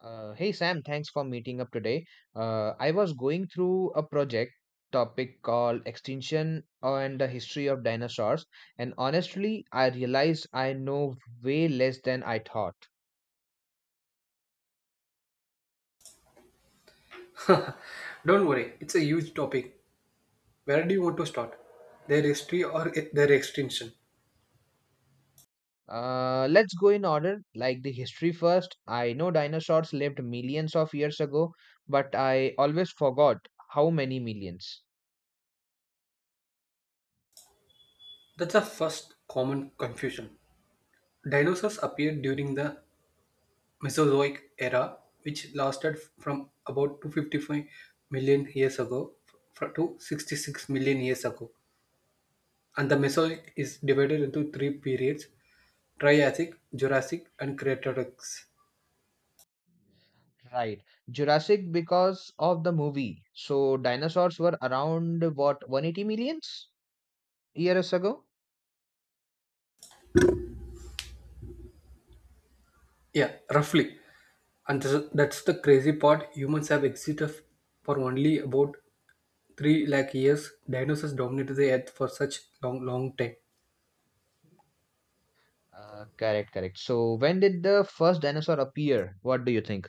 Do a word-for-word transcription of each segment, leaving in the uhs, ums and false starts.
Uh, hey Sam, thanks for meeting up today. Uh, I was going through a project topic called Extinction and the History of Dinosaurs, and honestly, I realized I know way less than I thought. Don't worry, it's a huge topic. Where do you want to start? Their history or e- their extinction? Uh, let's go in order, like the history first. I know dinosaurs lived millions of years ago, but I always forgot how many millions. That's the first common confusion. Dinosaurs appeared during the Mesozoic era, which lasted from about two hundred fifty-five million years ago fr- to sixty-six million years ago. And the Mesozoic is divided into three periods: Triassic, Jurassic, and Cretaceous. Right. Jurassic because of the movie. So dinosaurs were around what one hundred eighty millions years ago? Yeah, roughly. And th- that's the crazy part. Humans have existed f- for only about three lakh years. Dinosaurs dominated the earth for such long, long time. Uh, correct, correct. So when did the first dinosaur appear? What do you think?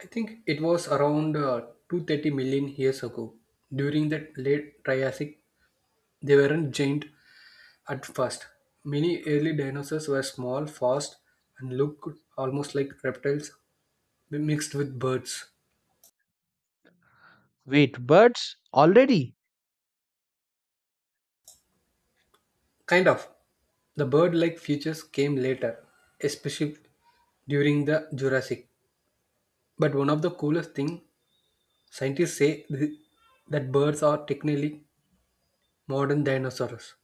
I think it was around uh, two hundred thirty million years ago. During the late Triassic, they weren't giant at first. Many early dinosaurs were small, fast, and looked almost like reptiles mixed with birds. Wait, birds already? Kind of. The bird like features came later, especially during the Jurassic. But one of the coolest things scientists say th- that birds are technically modern dinosaurs.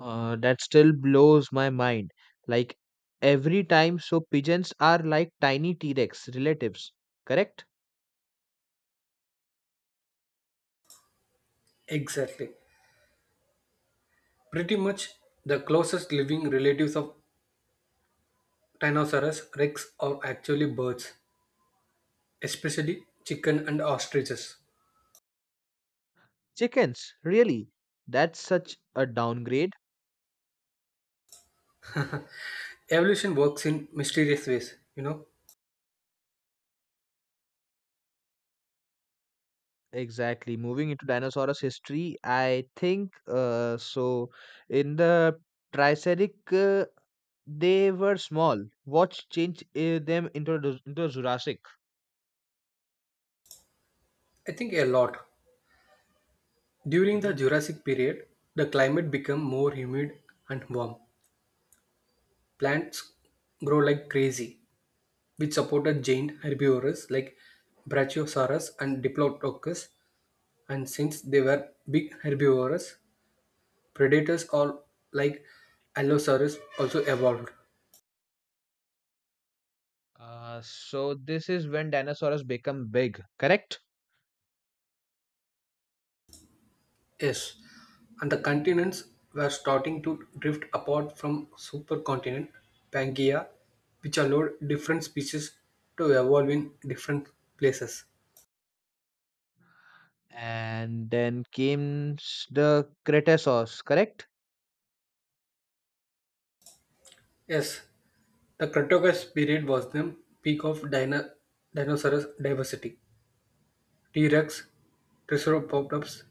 Uh, that still blows my mind. Like every time, so pigeons are like tiny T Rex relatives, correct? Exactly. Pretty much the closest living relatives of Tyrannosaurus rex are actually birds, especially chicken and ostriches. Chickens, really? That's such a downgrade. Evolution works in mysterious ways, you know. Exactly. Moving into dinosaurs history, I think uh, so. In the Triassic, uh, they were small. What changed uh, them into the- into Jurassic? I think a lot. During the Mhm. Jurassic period, the climate became more humid and warm. Plants grow like crazy, which supported giant herbivores like Brachiosaurus and Diplodocus. And since they were big herbivores, predators all like Allosaurus also evolved. Uh, so this is when dinosaurs become big, correct? Yes, and the continents were starting to drift apart from supercontinent Pangaea, which allowed different species to evolve in different places. And then came s- the Cretaceous, correct? Yes, the Cretaceous period was the peak of dino- dinosaurs diversity. T-Rex, Triceratops,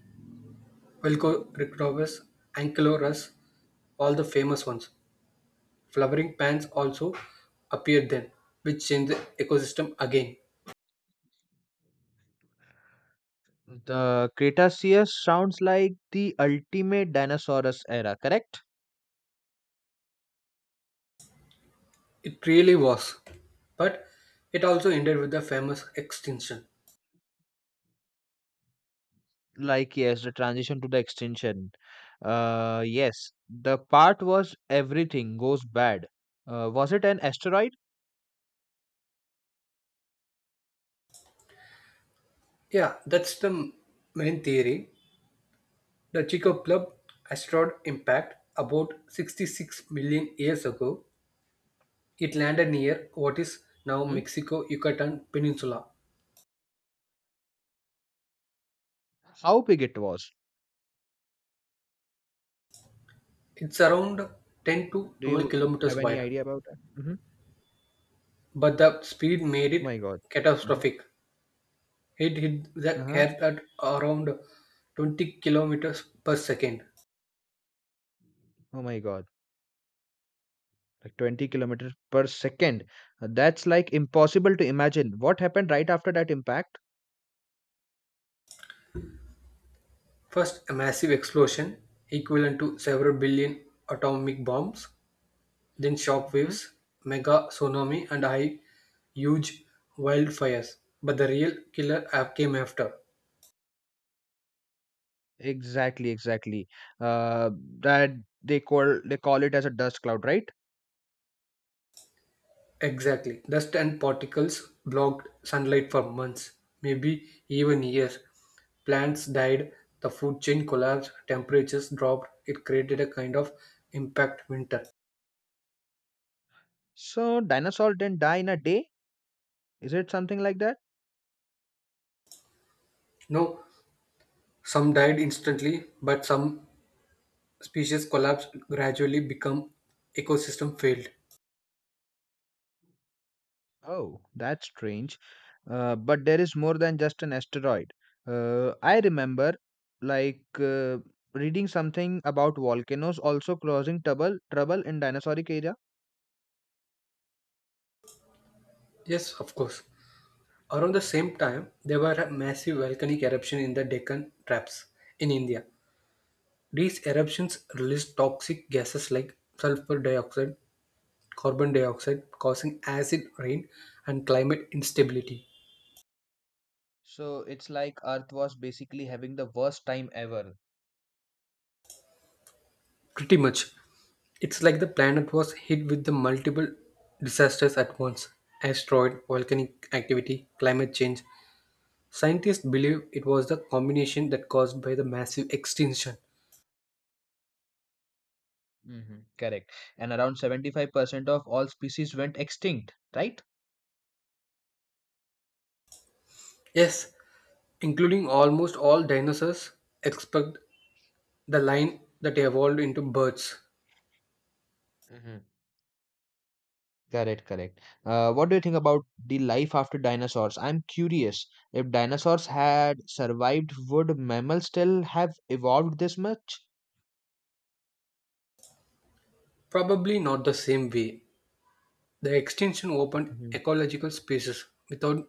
Velociraptors, Ankylosaurus, all the famous ones. Flowering plants also appeared then, which changed the ecosystem again. The Cretaceous sounds like the ultimate dinosaurus era, correct? It really was. But it also ended with the famous extinction. Like yes, the transition to the extinction. Uh, yes, the part was everything goes bad. Uh, was it an asteroid? Yeah, that's the main theory. The Hmm. Chico Club asteroid impact about sixty-six million years ago. It landed near what is now Hmm. Mexico Yucatan Peninsula. How big it was? It's around ten to Do twelve you have kilometers any wide, idea about that? Hmm. but the speed made Oh my it God. Hmm. catastrophic. It hit the Uh-huh. Earth at around twenty kilometers per second. Oh my God. Like twenty kilometers per second. Uh, that's like impossible to imagine what happened right after that impact. First, a massive explosion equivalent to several billion atomic bombs, then shock Hmm. waves, mega tsunami, and high, huge wildfires. But the real killer app came after. Exactly, exactly. Uh, that they call they call it as a dust cloud, right? Exactly. Dust and particles blocked sunlight for months, maybe even years. Plants died, the food chain collapsed, temperatures dropped. It created a kind of impact winter. So dinosaur didn't die in a day, is it something like that? No, some died instantly, but some species collapsed gradually become ecosystem failed. Oh. That's strange. Uh, but there is more than just an asteroid. Uh, i remember, like, uh, reading something about volcanoes also causing trouble trouble in dinosauric era. Yes, of course. Around the same time, there were a massive volcanic eruption in the Deccan Traps in India. These eruptions released toxic gases like sulfur dioxide, carbon dioxide, causing acid rain and climate instability. So it's like Earth was basically having the worst time ever. Pretty much, it's like the planet was hit with the multiple disasters at once: asteroid, volcanic activity, climate change. Scientists believe it was the combination that caused by the massive extinction. Hmm. Correct. And around seventy-five percent of all species went extinct, right? Yes, including almost all dinosaurs except the line that evolved into birds. Hmm. Correct, correct. Uh, what do you think about the life after dinosaurs? I'm curious. If dinosaurs had survived, would mammals still have evolved this much? Probably not the same way. The extinction opened Mm-hmm. ecological spaces without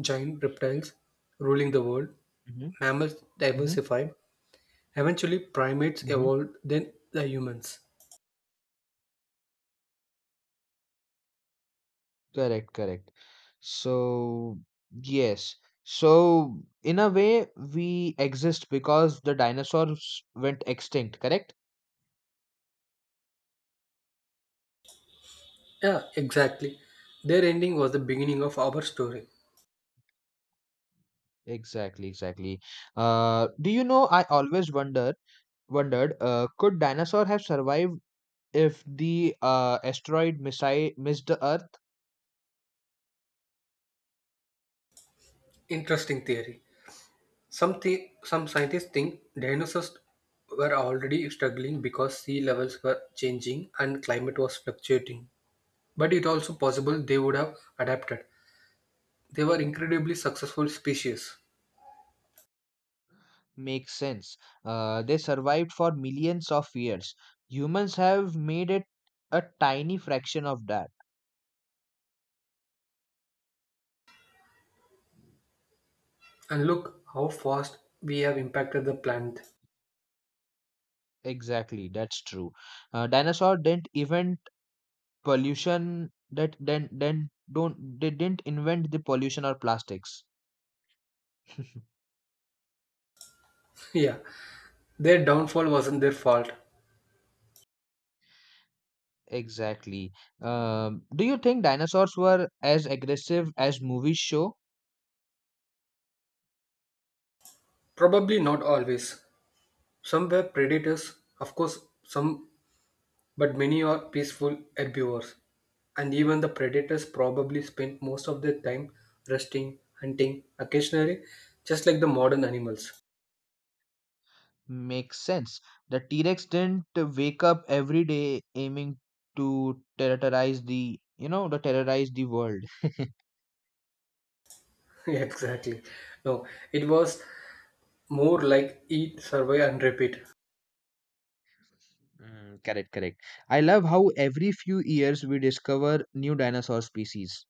giant reptiles ruling the world. Mm-hmm. Mammals diversified. Eventually, primates Mm-hmm. evolved, then the humans. Correct, correct. So, yes. So, in a way, we exist because the dinosaurs went extinct, correct? Yeah, exactly. Their ending was the beginning of our story. Exactly, exactly. Uh, do you know, I always wonder, wondered, uh, could dinosaur have survived if the uh, asteroid missi missed the Earth? Interesting theory. Some, thi- some scientists think dinosaurs were already struggling because sea levels were changing and climate was fluctuating. But it also possible they would have adapted. They were incredibly successful species. Makes sense. Uh, they survived for millions of years. Humans have made it a tiny fraction of that. And look how fast we have impacted the planet. Exactly, that's true. Uh, dinosaur didn't invent pollution. That then then don't they didn't invent the pollution or plastics. yeah, their downfall wasn't their fault. Exactly. Um, do you think dinosaurs were as aggressive as movies show? Probably not always. Some were predators, of course, some. But many are peaceful herbivores, and even the predators probably spend most of their time resting, hunting, occasionally, just like the modern animals. Makes sense. The T-Rex didn't wake up every day aiming to terrorize the you know to terrorize the world. exactly. No, it was more like eat, survive, and repeat. Mm, correct, correct. I love how every few years we discover new dinosaur species.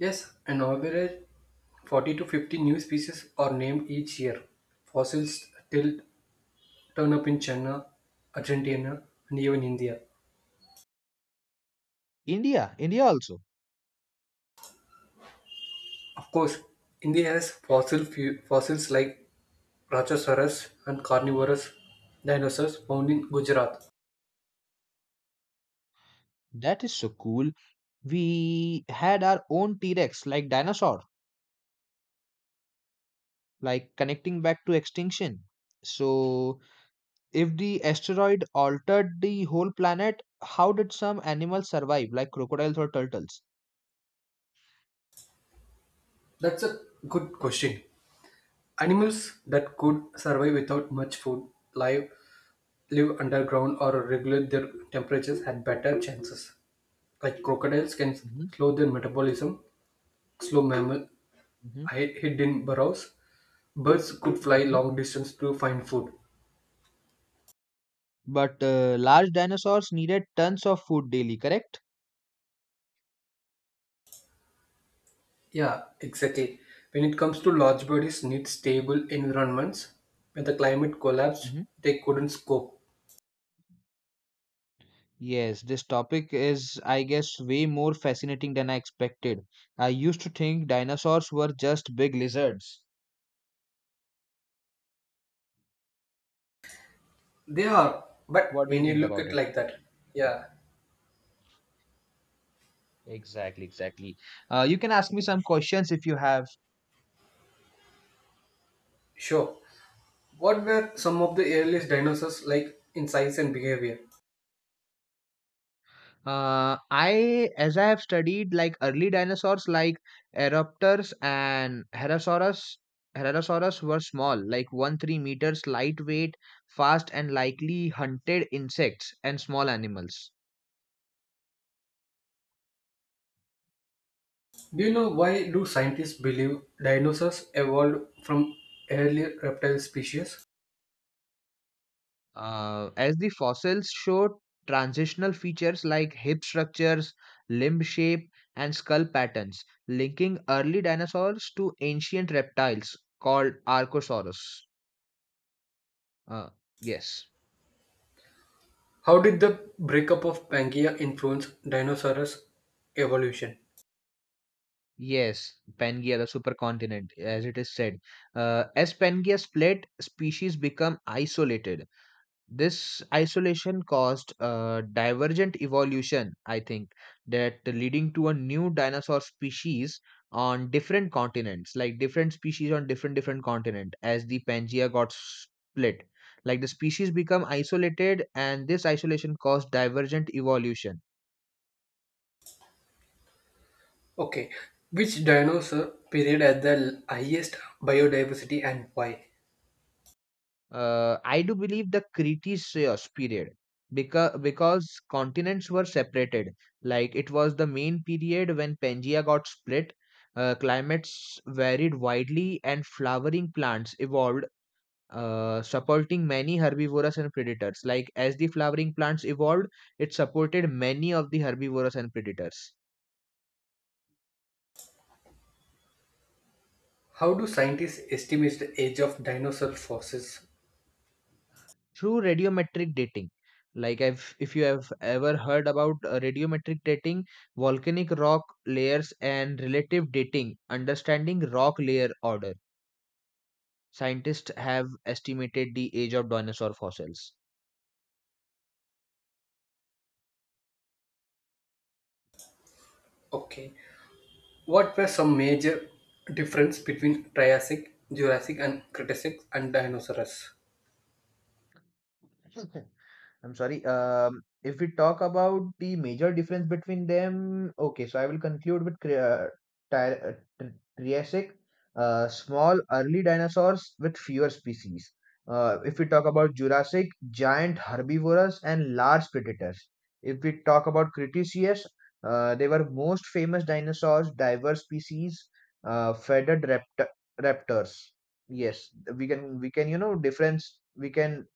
Yes, an average forty to fifty new species are named each year. Fossils still turn up in China, Argentina, and even India. India, India also. Of course, India has fossil fu- fossils like Rajasaurus and carnivorous dinosaurs found in Gujarat. That is so cool. We had our own T Rex like dinosaur, like connecting back to extinction. So, if the asteroid altered the whole planet, how did some animals survive, like crocodiles or turtles? That's a good question. Animals that could survive without much food, live, live underground, or regulate their temperatures had better chances. Like crocodiles can Hmm. slow their metabolism, slow mammal Hmm. hid- hid in burrows. Birds could fly Hmm. long distance to find food. But, uh, large dinosaurs needed tons of food daily, correct? Yeah, exactly. When it comes to large bodies need stable environments, when the climate collapsed, Hmm. they couldn't cope. Yes, this topic is, I guess, way more fascinating than I expected. I used to think dinosaurs were just big lizards. They are, but What do you when you think look about at it? like that, yeah, Exactly, exactly. Uh, you can ask me some questions if you have. sure. What were some of the earliest dinosaurs like in size and behavior? Uh, I, as I have studied, like, early dinosaurs like Aeraptors and Herosaurus, Herosaurus were small, like one to three meters, lightweight, fast, and likely hunted insects and small animals. Do you know why do scientists believe dinosaurs evolved from earlier reptile species? Uh, as the fossils show transitional features like hip structures, limb shape, and skull patterns, linking early dinosaurs to ancient reptiles called Archosaurus. Uh, yes. How did the breakup of Pangea influence dinosaurs' evolution? Yes, Pangea, the supercontinent, as it is said. Uh, as Pangea split, species become isolated. This isolation caused a divergent evolution, I think, that leading to a new dinosaur species on different continents, like different species on different different continent as the Pangea got split. Like the species become isolated and this isolation caused divergent evolution. Okay, which dinosaur period had the highest biodiversity and why? Uh, I do believe the Cretaceous uh, period because because continents were separated. Like it was the main period when Pangaea got split. Uh, climates varied widely, and flowering plants evolved, uh, supporting many herbivorous and predators. Like as the flowering plants evolved, it supported many of the herbivorous and predators. How do scientists estimate the age of dinosaur fossils? Through radiometric dating, like, I've, if you have ever heard about uh, radiometric dating, volcanic rock layers, and relative dating, understanding rock layer order, scientists have estimated the age of dinosaur fossils. Okay. What were some major difference between Triassic, Jurassic, and Cretacic and dinosaurs? I'm sorry. Um, if we talk about the major difference between them, okay, so I will conclude with Cre- uh, Ty- uh, Tr- Triassic, uh, small early dinosaurs with fewer species. Uh, if we talk about Jurassic, giant herbivorous and large predators. If we talk about Cretaceous, uh, they were most famous dinosaurs, diverse species, uh, feathered rapt- raptors. Yes, we can we can you know difference we can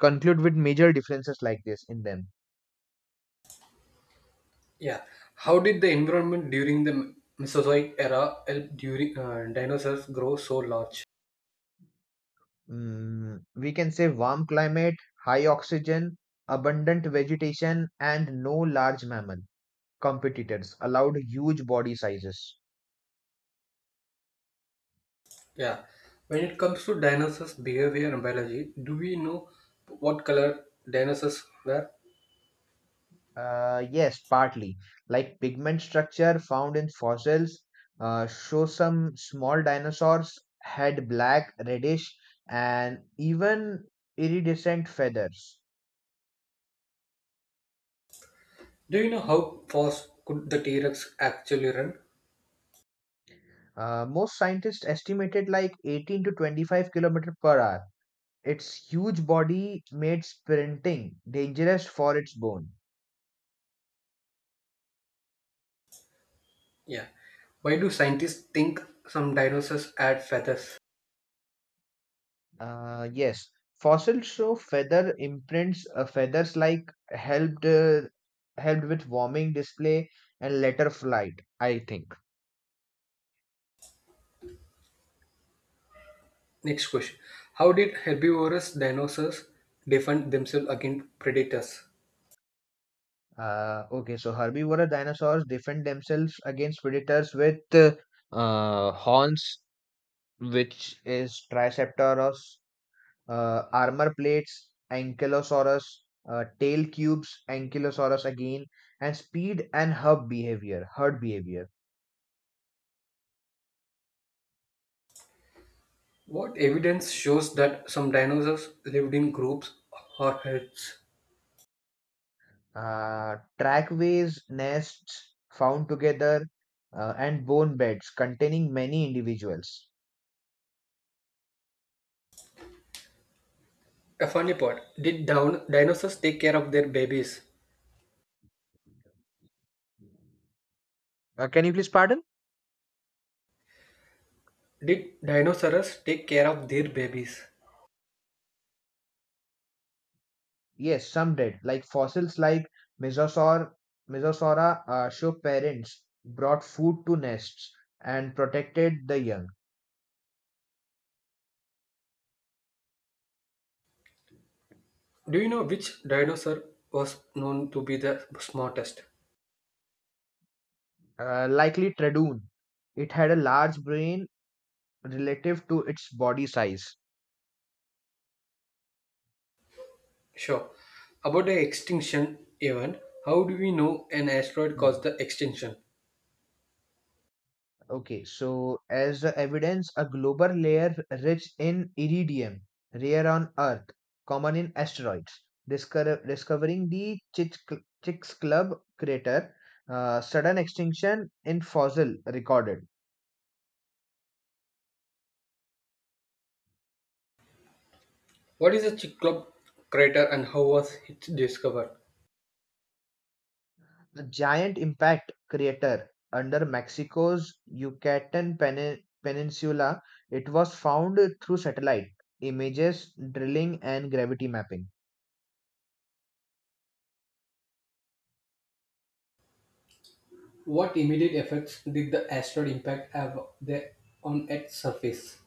conclude with major differences like this in them. Yeah, how did the environment during the Mesozoic era help during uh, dinosaurs grow so large? Mm, we can say warm climate, high oxygen, abundant vegetation, and no large mammal competitors allowed huge body sizes. Yeah, when it comes to dinosaurs' behavior and biology, do we know what color dinosaurs were? Uh, yes, partly. Like pigment structure found in fossils, uh, show some small dinosaurs had black, reddish, and even iridescent feathers. Do you know how fast could the T-Rex actually run? Uh, most scientists estimated like eighteen to twenty-five kilometer per hour. Its huge body made sprinting dangerous for its bone. Yeah. Why do scientists think some dinosaurs had feathers? Uh, yes, fossils show feather imprints. Uh, feathers like helped uh, helped with warming display and later flight. I think. Next question. How did herbivorous dinosaurs defend themselves against predators? Uh, okay, so herbivora dinosaurs defend themselves against predators with uh, uh, horns, which is Triceratops, uh, armor plates, ankylosaurus, uh, tail cubes, ankylosaurus again, and speed and hub behavior, herd behavior. What evidence shows that some dinosaurs lived in groups or herds? Uh, trackways, nests found together, uh, and bone beds containing many individuals. A funny part. Did down dinosaurs take care of their babies? Uh, can you please pardon? Did dinosaurs take care of their babies? Yes, some did. Like fossils like Mesosaur, Mesosaura uh, show parents brought food to nests and protected the young. Do you know which dinosaur was known to be the smartest? Uh, likely Tredoon. It had a large brain relative to its body size. Sure. About the extinction event, how do we know an asteroid Hmm. caused the extinction? Okay, so as the evidence, a global layer rich in iridium, rare on Earth, common in asteroids, discover, discovering the Chicks, Chicks Club crater, uh, sudden extinction in fossil recorded. What is the Cyclop crater and how was it discovered? The giant impact crater under Mexico's Yucatan Pen- Peninsula. It was found through satellite images, drilling, and gravity mapping. What immediate effects did the asteroid impact have the, on Earth's surface?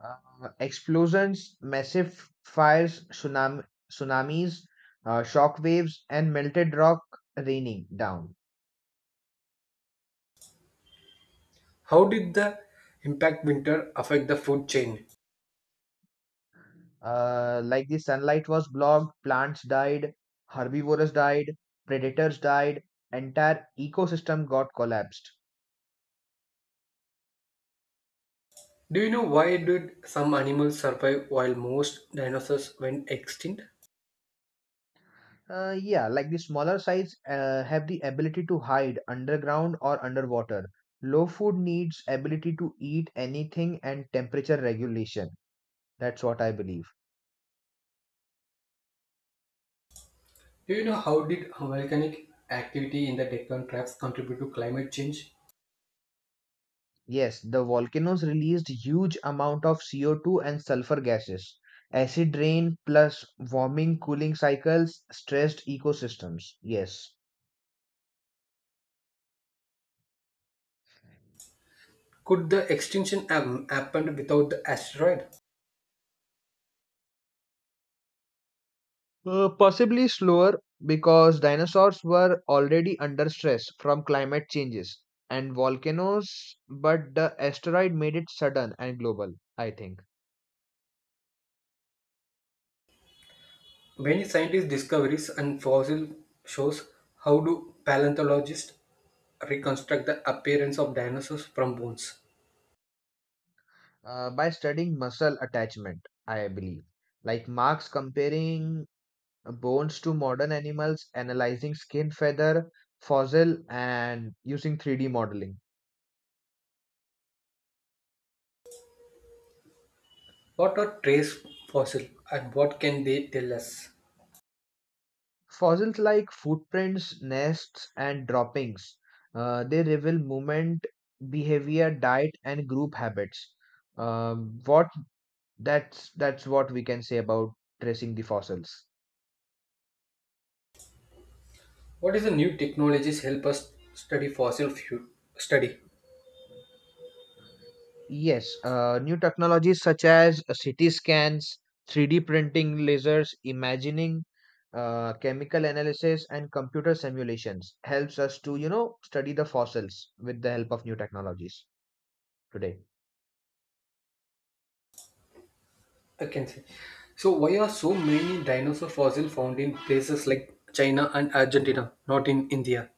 Uh, explosions, massive fires, tsunami, tsunamis, uh, shock waves, and melted rock raining down. How did the impact winter affect the food chain? Uh, like the sunlight was blocked, plants died, herbivores died, predators died, entire ecosystem got collapsed. Do you know why did some animals survive while most dinosaurs went extinct? Uh, yeah, like the smaller size uh, have the ability to hide underground or underwater. Low food needs ability to eat anything and temperature regulation. That's what I believe. Do you know how did volcanic activity in the Deccan Traps contribute to climate change? Yes, the volcanoes released huge amount of C O two and sulfur gases. Acid rain plus warming cooling cycles stressed ecosystems. Yes. Could the extinction have happened without the asteroid? Uh, possibly slower because dinosaurs were already under stress from climate changes and volcanoes, but the asteroid made it sudden and global, I think. Many scientists' discoveries and fossil shows how do paleontologists reconstruct the appearance of dinosaurs from bones. Uh, by studying muscle attachment, I believe. Like Marx comparing bones to modern animals, analyzing skin, feather, fossil, and using three D modeling. What are trace fossil and what can they tell us? Fossils like footprints, nests, and droppings. Uh, they reveal movement, behavior, diet, and group habits. Um what that's that's what we can say about tracing the fossils. What is the new technologies help us study fossil fu- study? Yes, uh, new technologies such as uh, C T scans, three D printing, lasers, imagining, uh, chemical analysis, and computer simulations helps us to, you know, study the fossils with the help of new technologies today. I can say. So why are so many dinosaur fossil found in places like China and Argentina, not in India?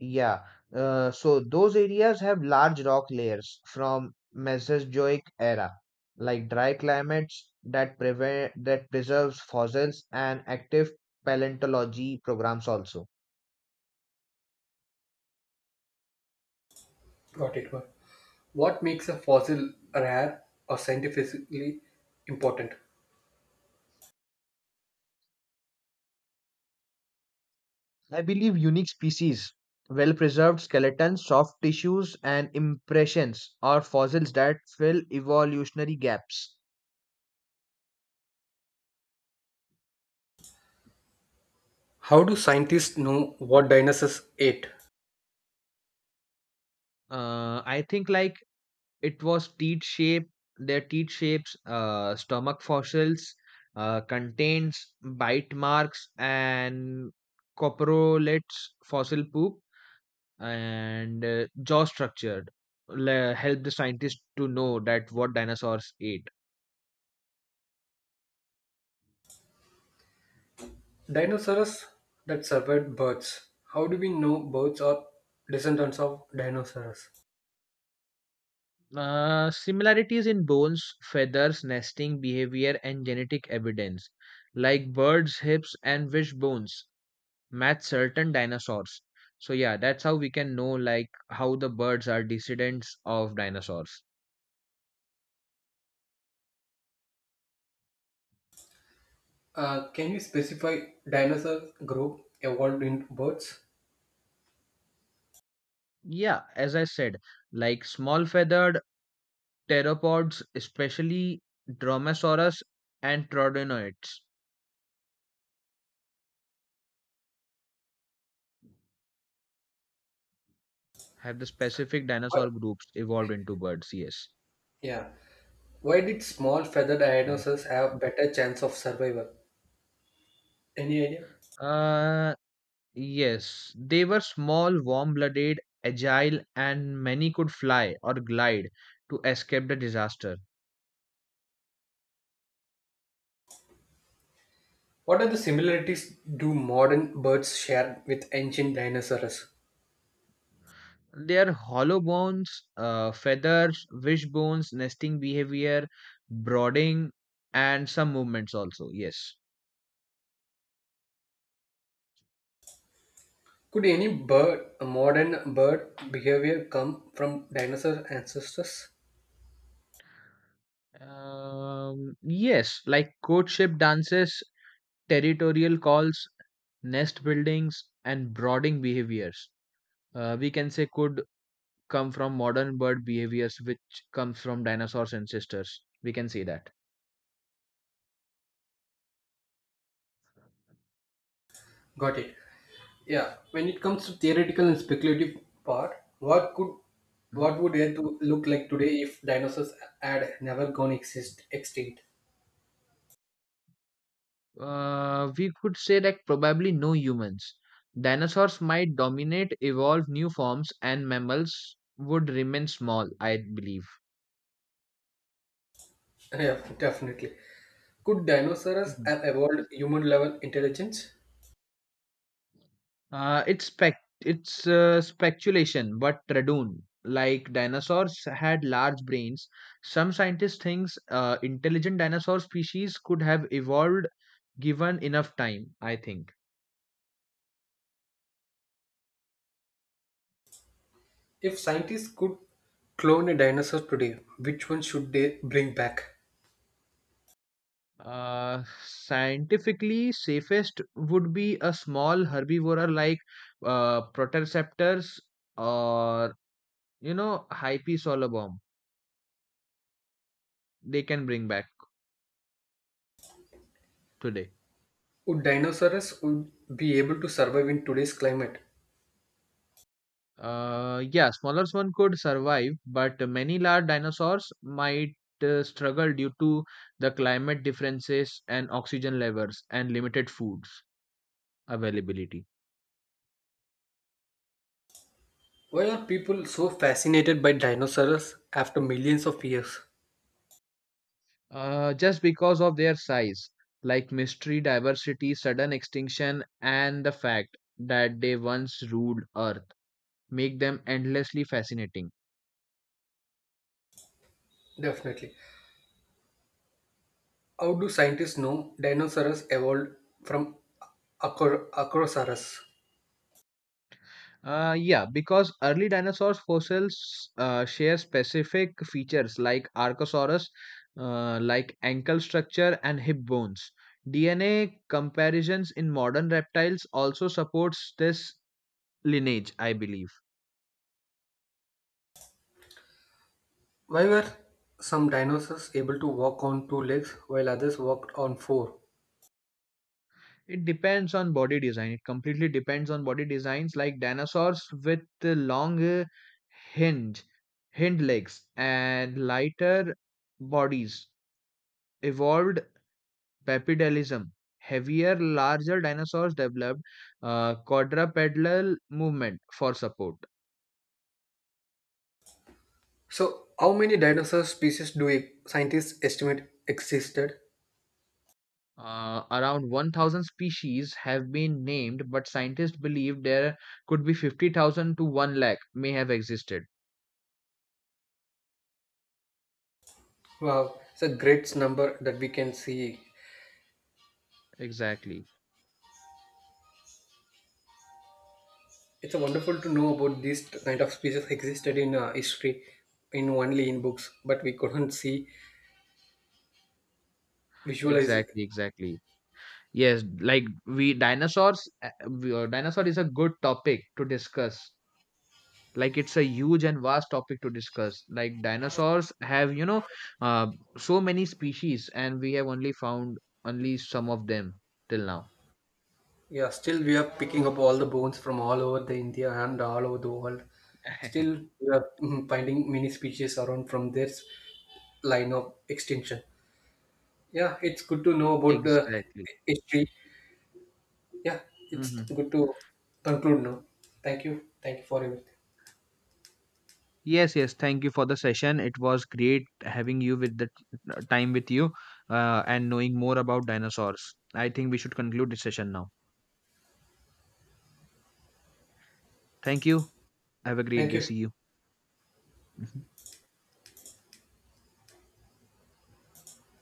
Yeah, uh, so those areas have large rock layers from Mesozoic era, like dry climates that prevent that preserves fossils and active paleontology programs also. Got it. Got it. What makes a fossil rare or scientifically important? I believe unique species, well preserved skeletons, soft tissues, and impressions are fossils that fill evolutionary gaps. How do scientists know what dinosaurs ate? Uh, I think like it was teeth shape, their teeth shapes, uh, stomach fossils, uh, contains bite marks and coprolates fossil poop and uh, jaw structured le- help the scientists to know that what dinosaurs ate. Dinosaurs that survived birds. How do we know birds are descendants of dinosaurs? Uh, similarities in bones, feathers, nesting behavior, and genetic evidence, like birds' hips and wishbones, match certain dinosaurs. So, yeah, that's how we can know like how the birds are descendants of dinosaurs. Uh, can you specify dinosaur group evolved into birds? Yeah, as I said, like small feathered pteropods, especially Dromaeosaurus and Trodinoids, have the specific What? dinosaur groups evolved into birds. Yes. Yeah. Why did small feathered Mm. dinosaurs have better chance of survival? Any idea? Uh, Yes, they were small, warm blooded, agile, and many could fly or glide to escape the disaster. What are the similarities do modern birds share with ancient dinosaurs? Their hollow bones, uh, feathers, wishbones, nesting behavior, brooding, and some movements also. Yes. Could any bird, modern bird behavior come from dinosaur ancestors? Um, yes, like courtship dances, territorial calls, nest buildings, and brooding behaviors. Uh, we can say could come from modern bird behaviors which comes from dinosaurs ancestors, we can say that. Got it. Yeah. When it comes to theoretical and speculative part, what could what Mhm. would Earth look like today if dinosaurs had never gone exist extinct? uh, we could say that probably no humans, dinosaurs might dominate, evolve new forms, and mammals would remain small, I believe. Yeah, definitely. Could dinosaurs Mhm. have evolved human level intelligence? uh, it's spec it's uh, speculation, but Radun, like dinosaurs, had large brains. Some scientists thinks uh, intelligent dinosaur species could have evolved given enough time, I think. If scientists could clone a dinosaur today, which one should they bring back? Uh, scientifically, safest would be a small herbivora like uh, Protoceptors or you know Hypesolobom. They can bring back today. Would dinosaurs would be able to survive in today's climate? Uh, yeah, smallest one could survive, but many large dinosaurs might uh, struggle due to the climate differences and oxygen levels and limited foods availability. Why are people so fascinated by dinosaurs after millions of years? uh, just because of their size, like mystery, diversity, sudden extinction, and the fact that they once ruled Earth make them endlessly fascinating. Definitely. How do scientists know dinosaurs evolved from acro- Acrosaurus? Uh, yeah, because early dinosaurs fossils uh, share specific features like Archosaurus, uh, like ankle structure and hip bones. D N A comparisons in modern reptiles also supports this lineage, I believe. Why were some dinosaurs able to walk on two legs while others walked on four? It depends on body design. It completely depends on body designs, like dinosaurs with the long uh, hinge, hind legs, and lighter bodies evolved bipedalism. Heavier, larger dinosaurs developed uh, quadrupedal movement for support. So, how many dinosaur species do e- scientists estimate existed? Uh, around one thousand species have been named, but scientists believe there could be fifty thousand to one lakh may have existed. Wow, it's a great number that we can see. Exactly, It's a wonderful to know about these kind of species existed in uh, history, in only in books, but we couldn't see visualize. exactly, exactly. Yes, like we dinosaurs, uh, we- uh, dinosaur is a good topic to discuss. Like it's a huge and vast topic to discuss. Like dinosaurs have, you know, uh, so many species, and we have only found only some of them till now. Yeah, still we are picking up all the bones from all over the India and all over the world. Still we are mm, finding many species around from this line of extinction. Yeah, it's good to know about the Exactly. history. Yeah, it's Hmm. good to conclude now. Thank you. Thank you for everything. Yes, yes. Thank you for the session. It was great having you with the uh, time with you, uh, and knowing more about dinosaurs. I think we should conclude this session now. Thank you. Have a great Thank day. See you. you. Mhm.